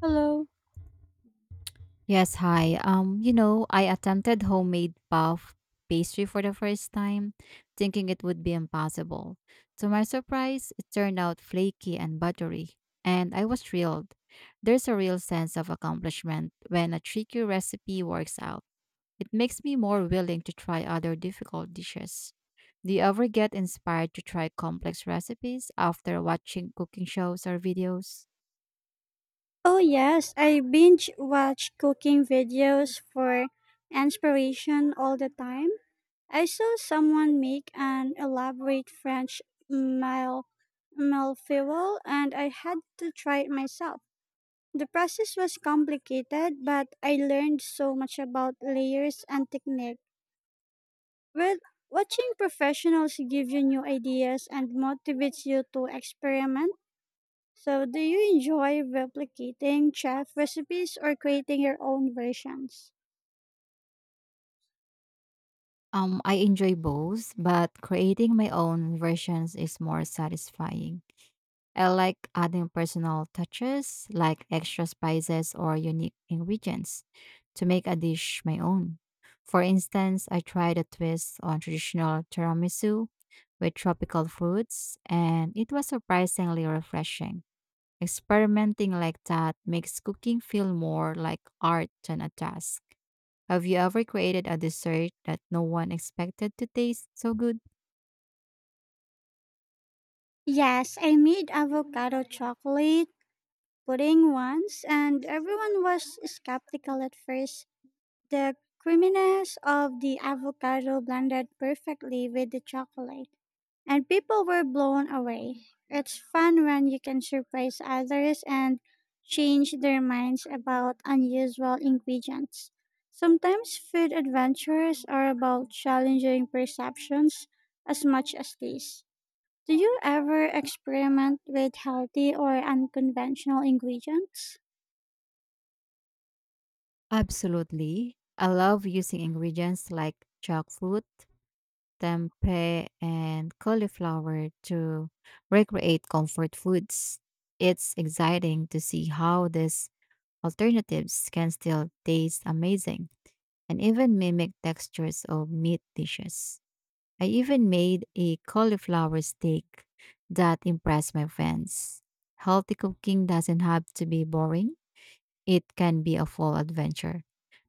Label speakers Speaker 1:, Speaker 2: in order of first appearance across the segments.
Speaker 1: Hello.
Speaker 2: Yes, hi. I attempted homemade puff pastry for the first time, thinking it would be impossible. To my surprise, it turned out flaky and buttery, and I was thrilled. There's a real sense of accomplishment when a tricky recipe works out. It makes me more willing to try other difficult dishes. Do you ever get inspired to try complex recipes after watching cooking shows or videos?
Speaker 1: Oh yes, I binge watch cooking videos for inspiration all the time. I saw someone make an elaborate French mal malfeuille and I had to try it myself. The process was complicated, but I learned so much about layers and technique. Well, Watching professionals give you new ideas and motivates you to experiment. So, do you enjoy replicating chef recipes or creating your own versions?
Speaker 2: I enjoy both, but creating my own versions is more satisfying. I like adding personal touches like extra spices or unique ingredients to make a dish my own. For instance, I tried a twist on traditional tiramisu with tropical fruits, and it was surprisingly refreshing. Experimenting like that makes cooking feel more like art than a task. Have you ever created a dessert that no one expected to taste so good?
Speaker 1: Yes, I made avocado chocolate pudding once, and everyone was skeptical at first. The creaminess of the avocado blended perfectly with the chocolate, and people were blown away. It's fun when you can surprise others and change their minds about unusual ingredients. Sometimes food adventures are about challenging perceptions as much as these. Do you ever experiment with healthy or unconventional ingredients?
Speaker 2: Absolutely. I love using ingredients like jackfruit, tempeh, and cauliflower to recreate comfort foods. It's exciting to see how these alternatives can still taste amazing and even mimic textures of meat dishes. I even made a cauliflower steak that impressed my friends. Healthy cooking doesn't have to be boring, it can be a full adventure.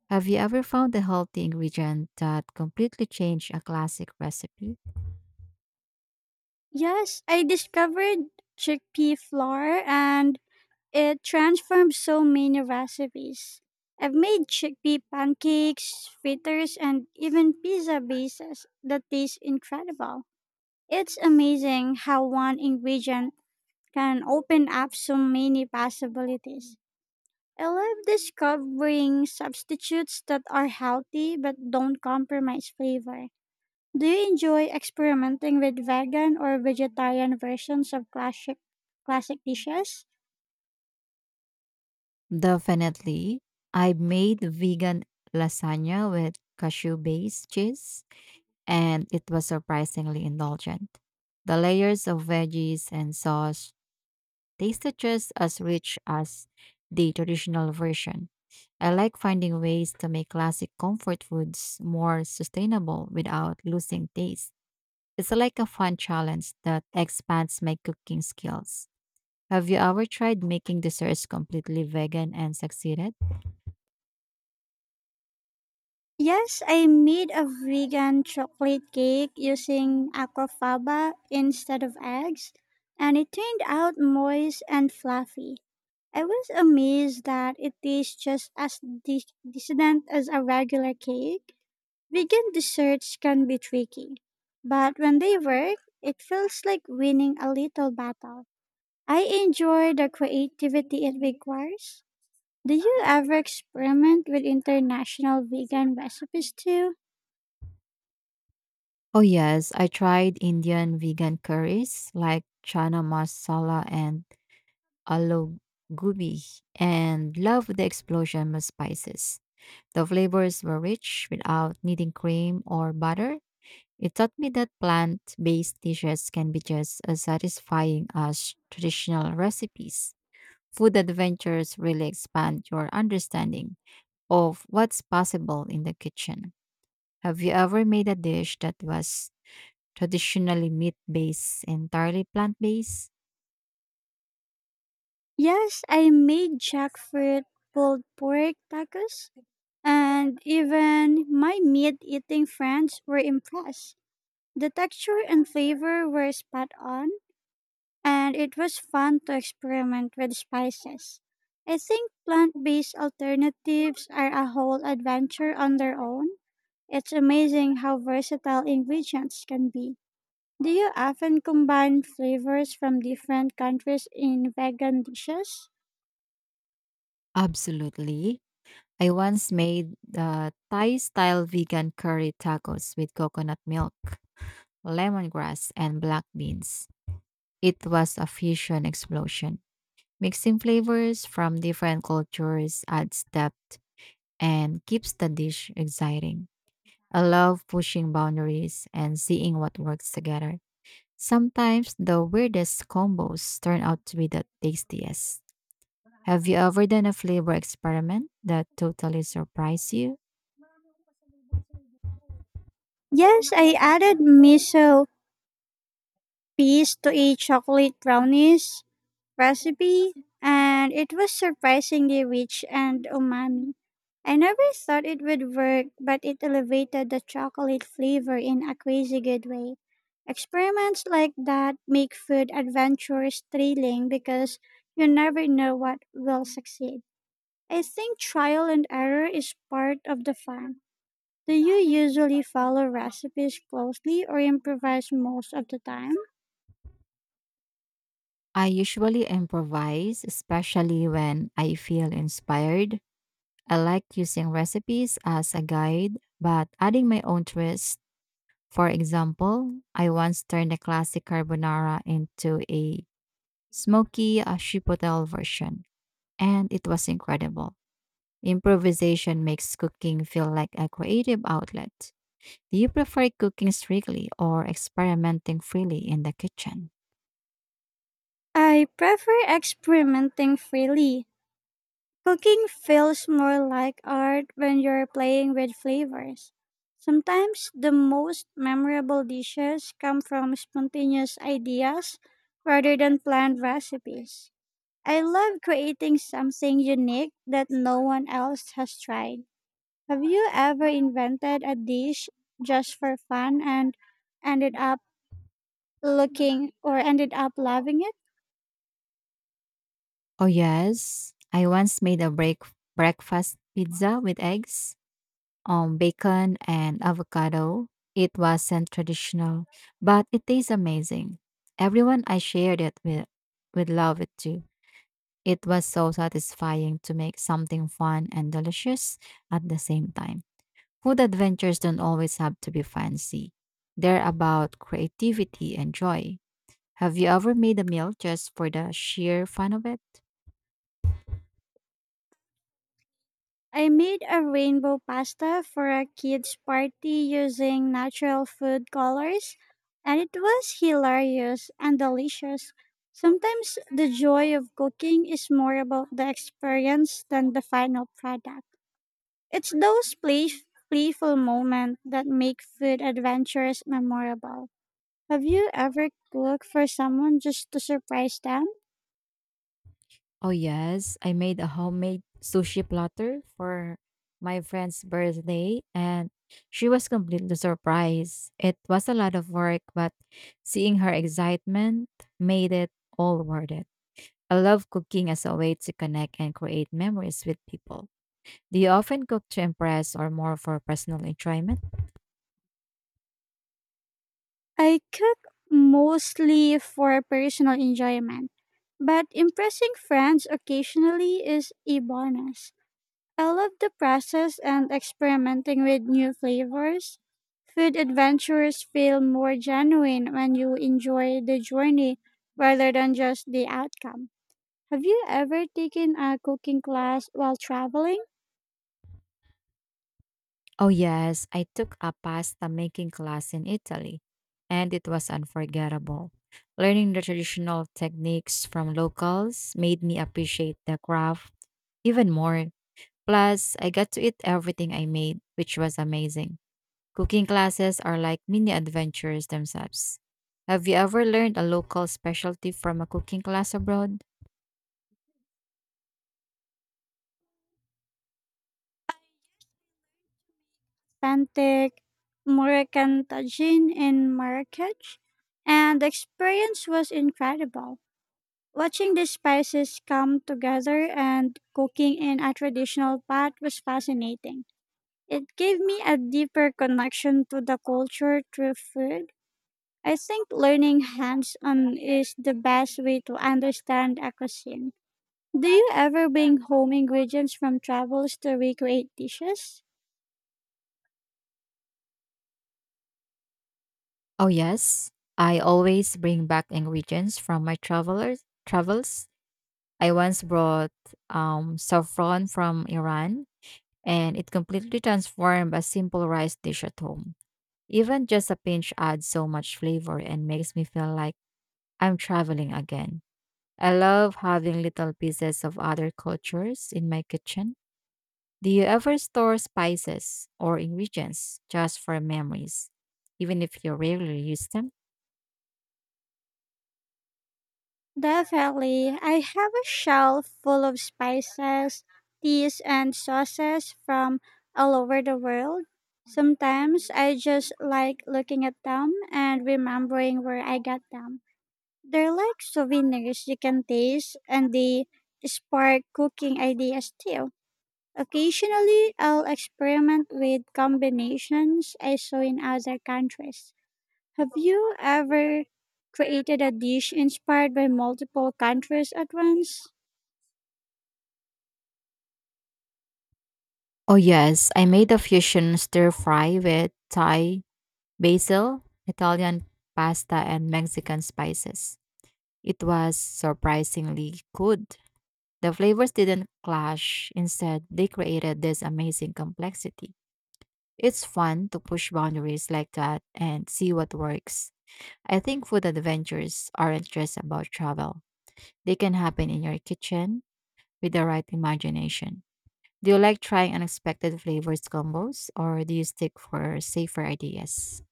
Speaker 2: Have you ever found a healthy ingredient that completely changed a classic recipe?
Speaker 1: Yes, I discovered chickpea flour and it transformed so many recipes. I've made chickpea pancakes, fritters, and even pizza bases that taste incredible. It's amazing how one ingredient can open up so many possibilities. I love discovering substitutes that are healthy but don't compromise flavor. Do you enjoy experimenting with vegan or vegetarian versions of classic dishes?
Speaker 2: Definitely. I made vegan lasagna with cashew based cheese, and it was surprisingly indulgent. The layers of veggies and sauce, they just as rich as the traditional version. I like finding ways to make classic comfort foods more sustainable without losing taste. It's like a fun challenge that expands my cooking skills. Have you ever tried making desserts completely vegan and succeeded?
Speaker 1: Yes, I made a vegan chocolate cake using aquafaba instead of eggs, and it turned out moist and fluffy. I was amazed that it tastes just as decadent as a regular cake. Vegan desserts can be tricky, but when they work, it feels like winning a little battle. I enjoy the creativity it requires. Do you ever experiment with international vegan recipes too?
Speaker 2: Oh, yes, I tried Indian vegan curries like chana masala and aloo gobi and loved the explosion of spices. The flavors were rich without needing cream or butter. It taught me that plant based dishes can be just as satisfying as traditional recipes. Food adventures really expand your understanding of what's possible in the kitchen. Have you ever made a dish that was traditionally meat based, entirely plant based?
Speaker 1: Yes, I made jackfruit pulled pork tacos, and even my meat eating friends were impressed. The texture and flavor were spot on, and it was fun to experiment with spices. I think plant based alternatives are a whole adventure on their own. It's amazing how versatile ingredients can be. Do you often combine flavors from different countries in vegan dishes?
Speaker 2: Absolutely. I once made the Thai style vegan curry tacos with coconut milk, lemongrass, and black beans. It was a fusion explosion. Mixing flavors from different cultures adds depth and keeps the dish exciting. I love pushing boundaries and seeing what works together. Sometimes the weirdest combos turn out to be the tastiest. Have you ever done a flavor experiment that totally surprised you?
Speaker 1: Yes, I added miso peas to a chocolate brownies recipe, and it was surprisingly rich and umami. I never thought it would work, but it elevated the chocolate flavor in a crazy good way. Experiments like that make food adventures thrilling because you never know what will succeed. I think trial and error is part of the fun. Do you usually follow recipes closely or improvise most of the time?
Speaker 2: I usually improvise, especially when I feel inspired. I like using recipes as a guide, but adding my own twist. For example, I once turned a classic carbonara into a smoky chipotle version, and it was incredible. Improvisation makes cooking feel like a creative outlet. Do you prefer cooking strictly or experimenting freely in the kitchen?
Speaker 1: I prefer experimenting freely. Cooking feels more like art when you're playing with flavors. Sometimes the most memorable dishes come from spontaneous ideas rather than planned recipes. I love creating something unique that no one else has tried. Have you ever invented a dish just for fun and ended up looking or ended up loving it?
Speaker 2: Oh, yes. I once made a breakfast pizza with eggs, bacon and avocado. It wasn't traditional, but it tastes amazing. Everyone I shared it with would love it too. It was so satisfying to make something fun and delicious at the same time. Food adventures don't always have to be fancy. They're about creativity and joy. Have you ever made a meal just for the sheer fun of it?
Speaker 1: I made a rainbow pasta for a kids' party using natural food colors, and it was hilarious and delicious. Sometimes the joy of cooking is more about the experience than the final product. It's those playful moments that make food adventures memorable. Have you ever cooked for someone just to surprise them?
Speaker 2: Oh, yes. I made a homemade sushi platter for my friend's birthday, and she was completely surprised. It was a lot of work, but seeing her excitement made it all worth it. I love cooking as a way to connect and create memories with people. Do you often cook to impress or more for personal enjoyment?
Speaker 1: I cook mostly for personal enjoyment, but impressing friends occasionally is a bonus. I love the process and experimenting with new flavors. Food adventures feel more genuine when you enjoy the journey rather than just the outcome. Have you ever taken a cooking class while traveling?
Speaker 2: Oh, yes, I took a pasta making class in Italy, and it was unforgettable. Learning the traditional techniques from locals made me appreciate the craft even more. Plus, I got to eat everything I made, which was amazing. Cooking classes are like mini adventures themselves. Have you ever learned a local specialty from a cooking class abroad?
Speaker 1: Authentic Moroccan tagine in Marrakech, and the experience was incredible. Watching the spices come together and cooking in a traditional pot was fascinating. It gave me a deeper connection to the culture through food. I think learning hands on is the best way to understand a cuisine. Do you ever bring home ingredients from travels to recreate dishes?
Speaker 2: Oh, yes. I always bring back ingredients from my travels. I once brought saffron from Iran, and it completely transformed a simple rice dish at home. Even just a pinch adds so much flavor and makes me feel like I'm traveling again. I love having little pieces of other cultures in my kitchen. Do you ever store spices or ingredients just for memories, even if you rarely use them?
Speaker 1: Definitely. I have a shelf full of spices, teas, and sauces from all over the world. Sometimes I just like looking at them and remembering where I got them. They're like souvenirs you can taste, and they spark cooking ideas too. Occasionally, I'll experiment with combinations I saw in other countries. Have you ever created a dish inspired by multiple countries at once?
Speaker 2: Oh, yes, I made a fusion stir fry with Thai basil, Italian pasta, and Mexican spices. It was surprisingly good. The flavors didn't clash, instead, they created this amazing complexity. It's fun to push boundaries like that and see what works. I think food adventures aren't just about travel, they can happen in your kitchen with the right imagination. Do you like trying unexpected flavors combos or do you stick for safer ideas?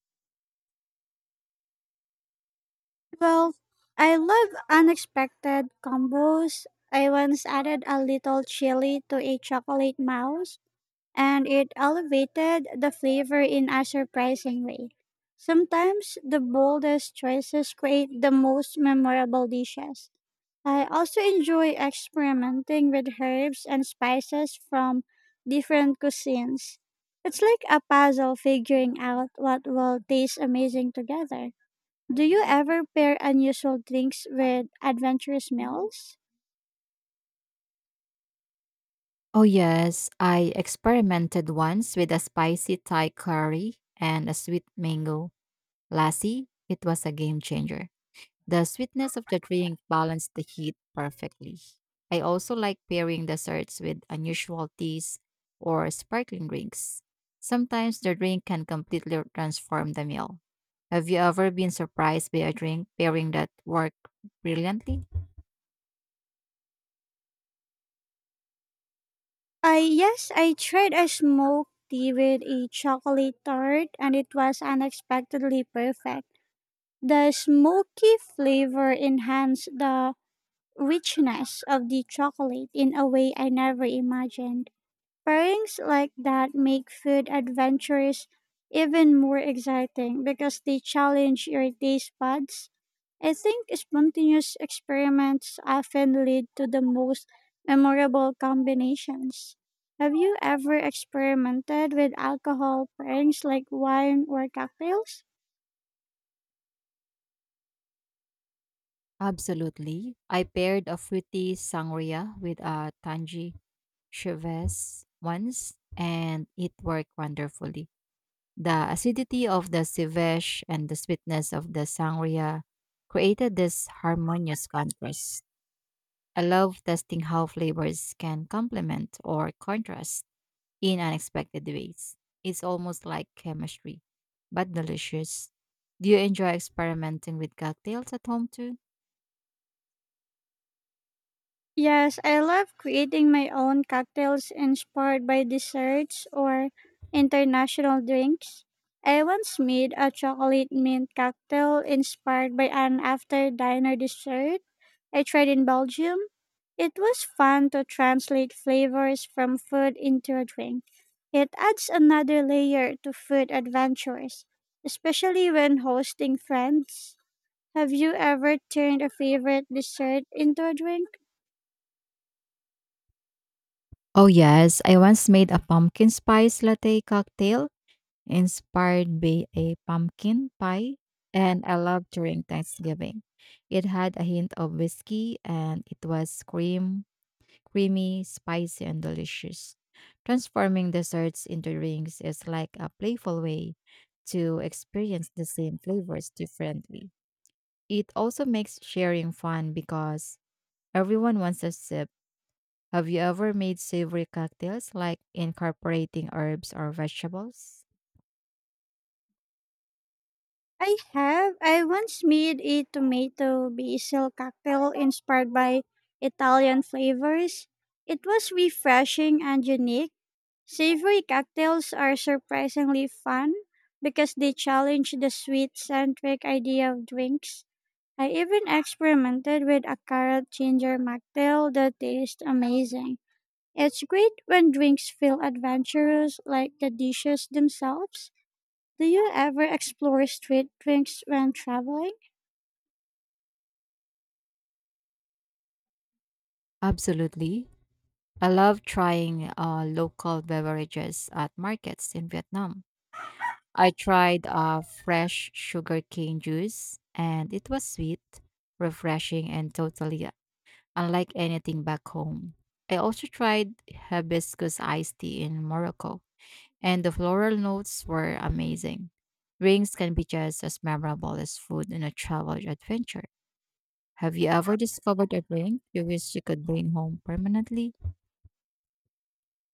Speaker 1: Well, I love unexpected combos. I once added a little chili to a chocolate mouse and it elevated the flavor in a surprising way. Sometimes the boldest choices create the most memorable dishes. I also enjoy experimenting with herbs and spices from different cuisines. It's like a puzzle figuring out what will taste amazing together. Do you ever pair unusual drinks with adventurous meals?
Speaker 2: Oh, yes. I experimented once with a spicy Thai curry and a sweet mango lassi. It was a game changer. The sweetness of the drink balanced the heat perfectly. I also like pairing desserts with unusual teas or sparkling drinks. Sometimes the drink can completely transform the meal. Have you ever been surprised by a drink pairing that worked brilliantly?
Speaker 1: I yes, I tried a smoked tea with a chocolate tart and it was unexpectedly perfect. The smoky flavor enhanced the richness of the chocolate in a way I never imagined. Pairings like that make food adventures even more exciting because they challenge your taste buds. I think spontaneous experiments often lead to the most memorable combinations. Have you ever experimented with alcohol pairings like wine or cocktails?
Speaker 2: Absolutely. I paired a fruity sangria with a tangy Cheves once and it worked wonderfully. The acidity of the Civesh and the sweetness of the Sangria created this harmonious contrast. I love testing how flavors can complement or contrast in unexpected ways. It's almost like chemistry, but delicious. Do you enjoy experimenting with cocktails at home too?
Speaker 1: Yes, I love creating my own cocktails inspired by desserts or international drinks. I once made a chocolate mint cocktail inspired by an after dinner dessert I tried in Belgium. It was fun to translate flavors from food into a drink. It adds another layer to food adventures, especially when hosting friends. Have you ever turned a favorite dessert into a drink?
Speaker 2: Oh, yes. I once made a pumpkin spice latte cocktail inspired by a pumpkin pie, and I loved during Thanksgiving. It had a hint of whiskey and it was creamy, spicy, and delicious. Transforming desserts into drinks is like a playful way to experience the same flavors differently. It also makes sharing fun because everyone wants a sip. Have you ever made savory cocktails like incorporating herbs or vegetables?
Speaker 1: I have. I once made a tomato basil cocktail inspired by Italian flavors. It was refreshing and unique. Savory cocktails are surprisingly fun because they challenge the sweet centric idea of drinks. I even experimented with a carrot ginger mocktail that tastes amazing. It's great when drinks feel adventurous like the dishes themselves. Do you ever explore street drinks when traveling?
Speaker 2: Absolutely. I love trying local beverages at markets in Vietnam. I tried fresh sugarcane juice, and it was sweet, refreshing, and totally unlike anything back home. I also tried hibiscus iced tea in Morocco, and the floral notes were amazing. Drinks can be just as memorable as food in a travel adventure. Have you ever discovered a drink you wish you could bring home permanently?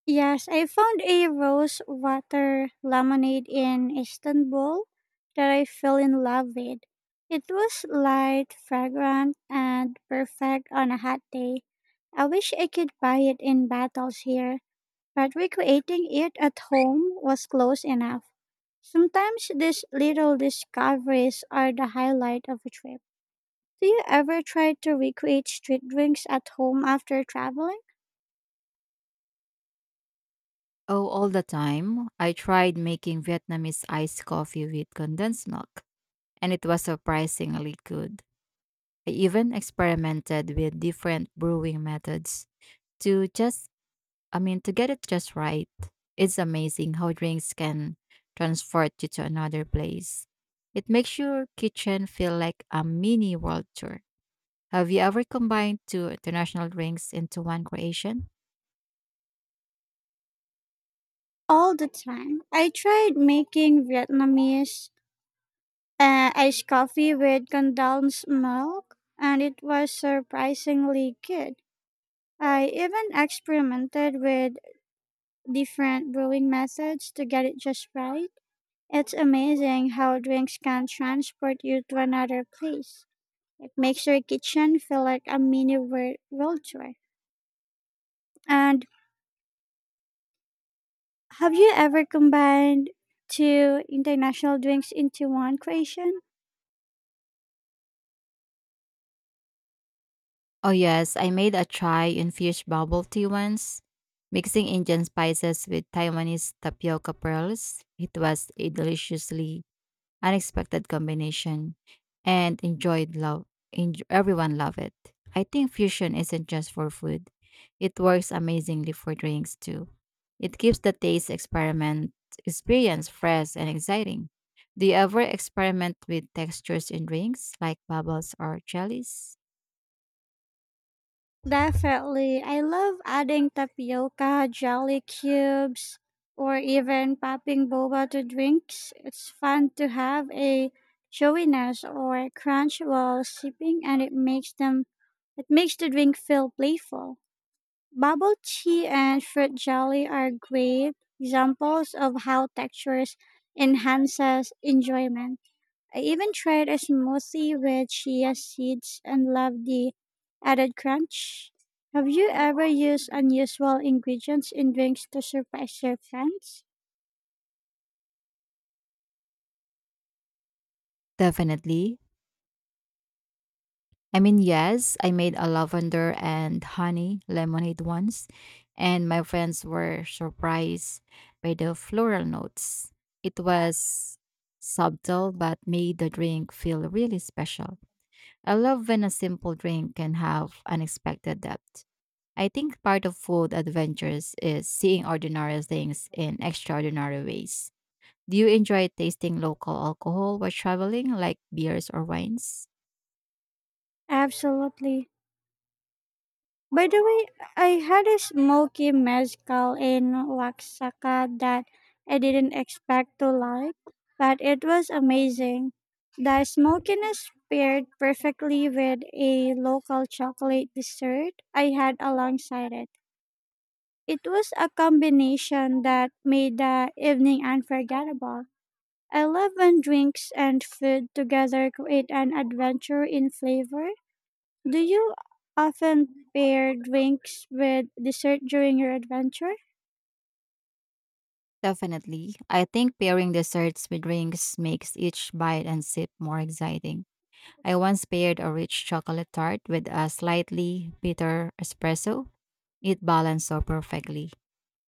Speaker 1: Yes, I found a rose water lemonade in Istanbul that I fell in love with. It was light, fragrant, and perfect on a hot day. I wish I could buy it in bottles here, but recreating it at home was close enough. Sometimes these little discoveries are the highlight of a trip. Do you ever try to recreate street drinks at home after traveling?
Speaker 2: Oh, all the time. I tried making Vietnamese iced coffee with condensed milk, and it was surprisingly good. I even experimented with different brewing methods to to get it just right. It's amazing how drinks can transport you to another place. It makes your kitchen feel like a mini world tour. Have you ever combined two international drinks into one creation?
Speaker 1: All the time. I tried making Vietnamese iced coffee with condensed milk, and it was surprisingly good. I even experimented with different brewing methods to get it just right. It's amazing how drinks can transport you to another place. It makes your kitchen feel like a mini world tour. And Have you ever combined two international drinks into one creation?
Speaker 2: Oh, yes, I made a chai infused bubble tea once, mixing Indian spices with Taiwanese tapioca pearls. It was a deliciously unexpected combination, and enjoyed love. Everyone love it. I think fusion isn't just for food; it works amazingly for drinks too. It keeps the taste experiment experience fresh and exciting. Do you ever experiment with textures in drinks like bubbles or jellies?
Speaker 1: Definitely. I love adding tapioca, jelly cubes, or even popping boba to drinks. It's fun to have a showiness or crunch while sipping and it makes the drink feel playful. Bubble tea and fruit jelly are great examples of how textures enhances enjoyment. I even tried a smoothie with chia seeds and loved the added crunch. Have you ever used unusual ingredients in drinks to surprise your friends?
Speaker 2: Definitely. Yes, I made a lavender and honey lemonade once, and my friends were surprised by the floral notes. It was subtle but made the drink feel really special. I love when a simple drink can have unexpected depth. I think part of food adventures is seeing ordinary things in extraordinary ways. Do you enjoy tasting local alcohol while traveling, like beers or wines?
Speaker 1: Absolutely. By the way, I had a smoky mezcal in Oaxaca that I didn't expect to like, but it was amazing. The smokiness paired perfectly with a local chocolate dessert I had alongside it. It was a combination that made the evening unforgettable. I love when drinks and food together create an adventure in flavor. Do you often pair drinks with dessert during your adventure?
Speaker 2: Definitely. I think pairing desserts with drinks makes each bite and sip more exciting. I once paired a rich chocolate tart with a slightly bitter espresso. It balanced so perfectly.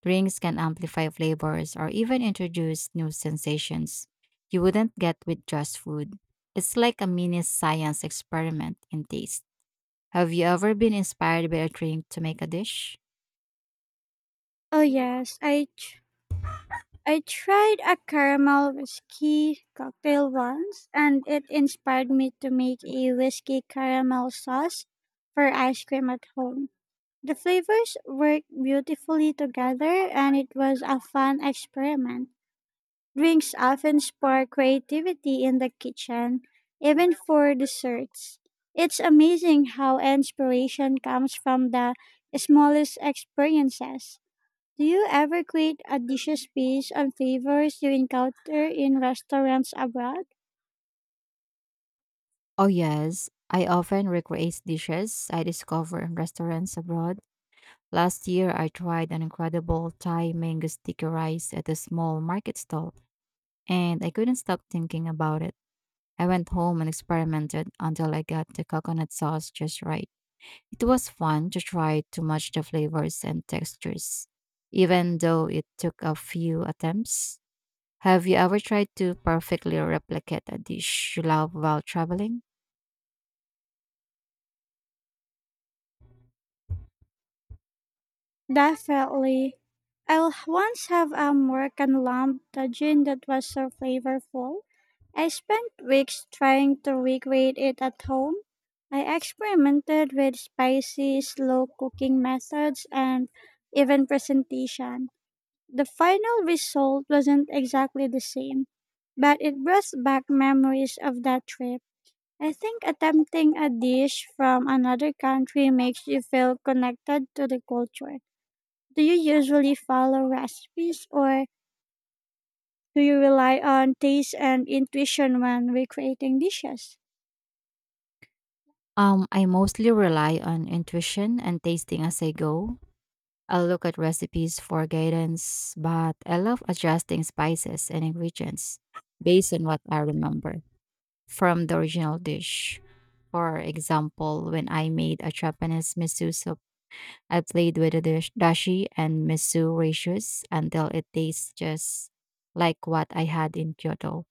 Speaker 2: Drinks can amplify flavors or even introduce new sensations you wouldn't get with just food. It's like a mini science experiment in taste. Have you ever been inspired by a drink to make a dish?
Speaker 1: Oh yes, I tried a caramel whiskey cocktail once, and it inspired me to make a whiskey caramel sauce for ice cream at home. The flavors worked beautifully together and it was a fun experiment. Drinks often spark creativity in the kitchen, even for desserts. It's amazing how inspiration comes from the smallest experiences. Do you ever create a dishes based on flavors you encounter in restaurants abroad?
Speaker 2: Oh, yes. I often recreate dishes I discover in restaurants abroad. Last year, I tried an incredible Thai mango sticky rice at a small market stall, and I couldn't stop thinking about it. I went home and experimented until I got the coconut sauce just right. It was fun to try to match the flavors and textures, even though it took a few attempts. Have you ever tried to perfectly replicate a dish you love while traveling?
Speaker 1: Definitely. Once have a Moroccan lamb tajine that was so flavorful. I spent weeks trying to recreate it at home. I experimented with spicy, slow cooking methods and even presentation. The final result wasn't exactly the same, but it brought back memories of that trip. I think attempting a dish from another country makes you feel connected to the culture. Do you usually follow recipes or do you rely on taste and intuition when recreating dishes?
Speaker 2: I mostly rely on intuition and tasting as I go. I'll look at recipes for guidance, but I love adjusting spices and ingredients based on what I remember from the original dish. For example, when I made a Japanese miso soup, I played with the dashi and miso ratios until it tastes just like what I had in Kyoto.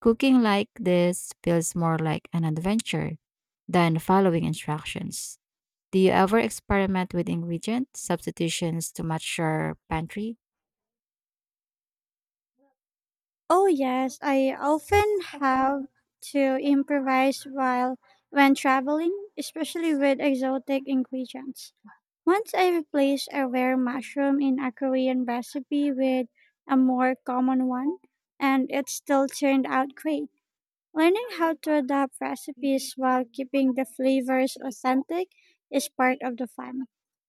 Speaker 2: Cooking like this feels more like an adventure than following instructions. Do you ever experiment with ingredient substitutions to match your pantry?
Speaker 1: Oh, yes, I often have to improvise while when traveling, especially with exotic ingredients. Once I replaced a rare mushroom in a Korean recipe with a more common one, and it still turned out great. Learning how to adapt recipes while keeping the flavors authentic is part of the fun.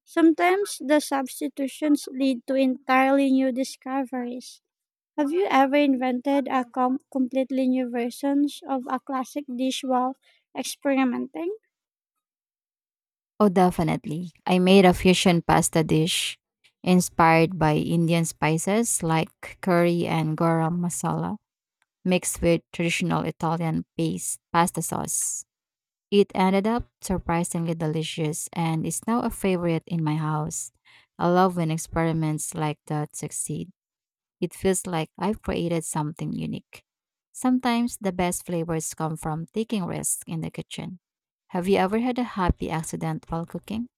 Speaker 1: Sometimes the substitutions lead to entirely new discoveries. Have you ever invented a completely new versions of a classic dish while experimenting?
Speaker 2: Oh, definitely. I made a fusion pasta dish inspired by Indian spices like curry and garam masala mixed with traditional Italian paste pasta sauce. It ended up surprisingly delicious and is now a favorite in my house. I love when experiments like that succeed. It feels like I've created something unique. Sometimes the best flavors come from taking risks in the kitchen. Have you ever had a happy accident while cooking?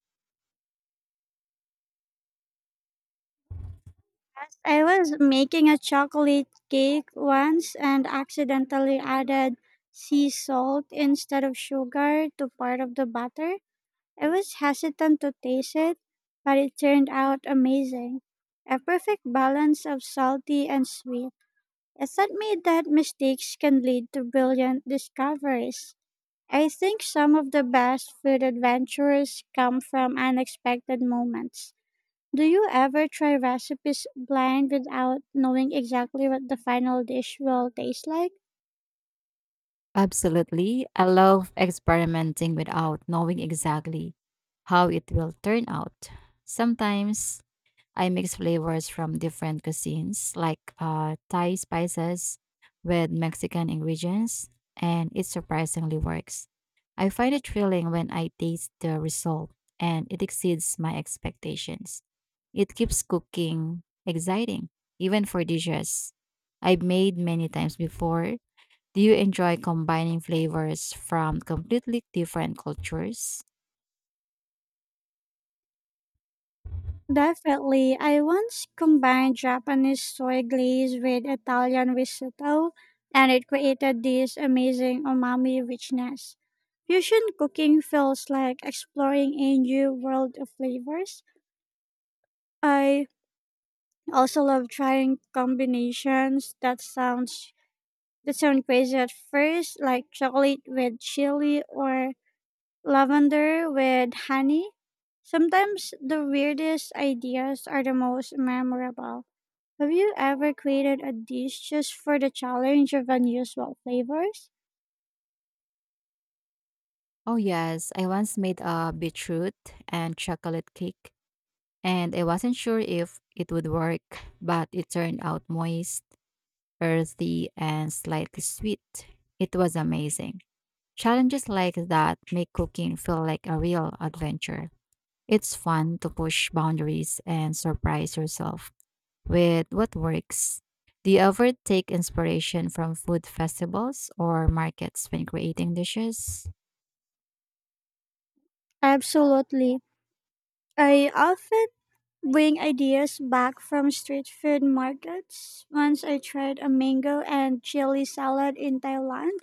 Speaker 1: I was making a chocolate cake once and accidentally added sea salt instead of sugar to part of the batter. I was hesitant to taste it, but it turned out amazing. A perfect balance of salty and sweet. It taught me that mistakes can lead to brilliant discoveries. I think some of the best food adventures come from unexpected moments. Do you ever try recipes blind without knowing exactly what the final dish will taste like?
Speaker 2: Absolutely. I love experimenting without knowing exactly how it will turn out. Sometimes I mix flavors from different cuisines, like Thai spices with Mexican ingredients, and it surprisingly works. I find it thrilling when I taste the result, and it exceeds my expectations. It keeps cooking exciting, even for dishes I've made many times before. Do you enjoy combining flavors from completely different cultures?
Speaker 1: Definitely. I once combined Japanese soy glaze with Italian risotto, and it created this amazing umami richness. Fusion cooking feels like exploring a new world of flavors. I also love trying combinations that sound crazy at first, like chocolate with chili or lavender with honey. Sometimes the weirdest ideas are the most memorable. Have you ever created a dish just for the challenge of unusual flavors?
Speaker 2: Oh, yes. I once made a beetroot and chocolate cake and I wasn't sure if it would work, but it turned out moist, earthy, and slightly sweet. It was amazing. Challenges like that make cooking feel like a real adventure. It's fun to push boundaries and surprise yourself with what works. Do you ever take inspiration from food festivals or markets when creating dishes?
Speaker 1: Absolutely. I often bring ideas back from street food markets. Once I tried a mango and chili salad in Thailand,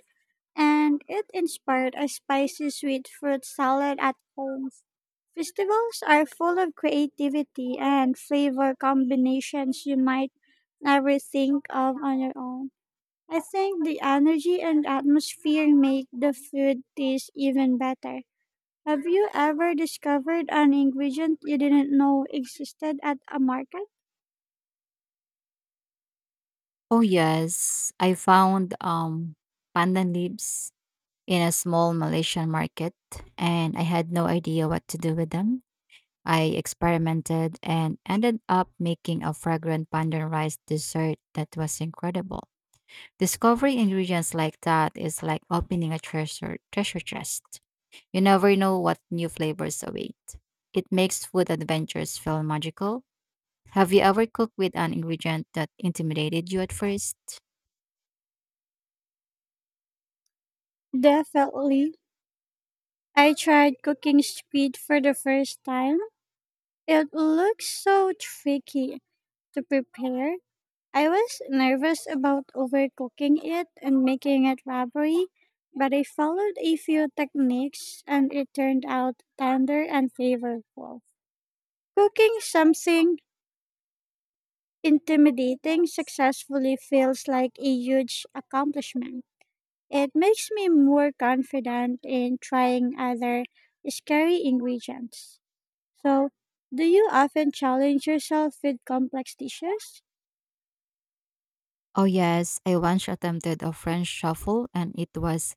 Speaker 1: and it inspired a spicy sweet fruit salad at home. Festivals are full of creativity and flavor combinations you might never think of on your own. I think the energy and atmosphere make the food taste even better. Have you ever discovered an ingredient you didn't know existed at a market?
Speaker 2: Oh yes, I found pandan leaves in a small Malaysian market, and I had no idea what to do with them. I experimented and ended up making a fragrant pandan rice dessert that was incredible. Discovering ingredients like that is like opening a treasure chest. You never know what new flavors await. It makes food adventures feel magical. Have you ever cooked with an ingredient that intimidated you at first?
Speaker 1: Definitely. I tried cooking squid for the first time. It looks so tricky to prepare. I was nervous about overcooking it and making it rubbery, but I followed a few techniques and it turned out tender and flavorful. Cooking something intimidating successfully feels like a huge accomplishment. It makes me more confident in trying other scary ingredients. So, do you often challenge yourself with complex dishes?
Speaker 2: Oh, yes. I once attempted a French shuffle and it was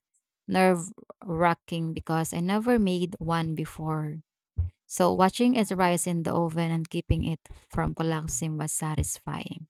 Speaker 2: nerve wracking because I never made one before. So, watching it rise in the oven and keeping it from collapsing was satisfying.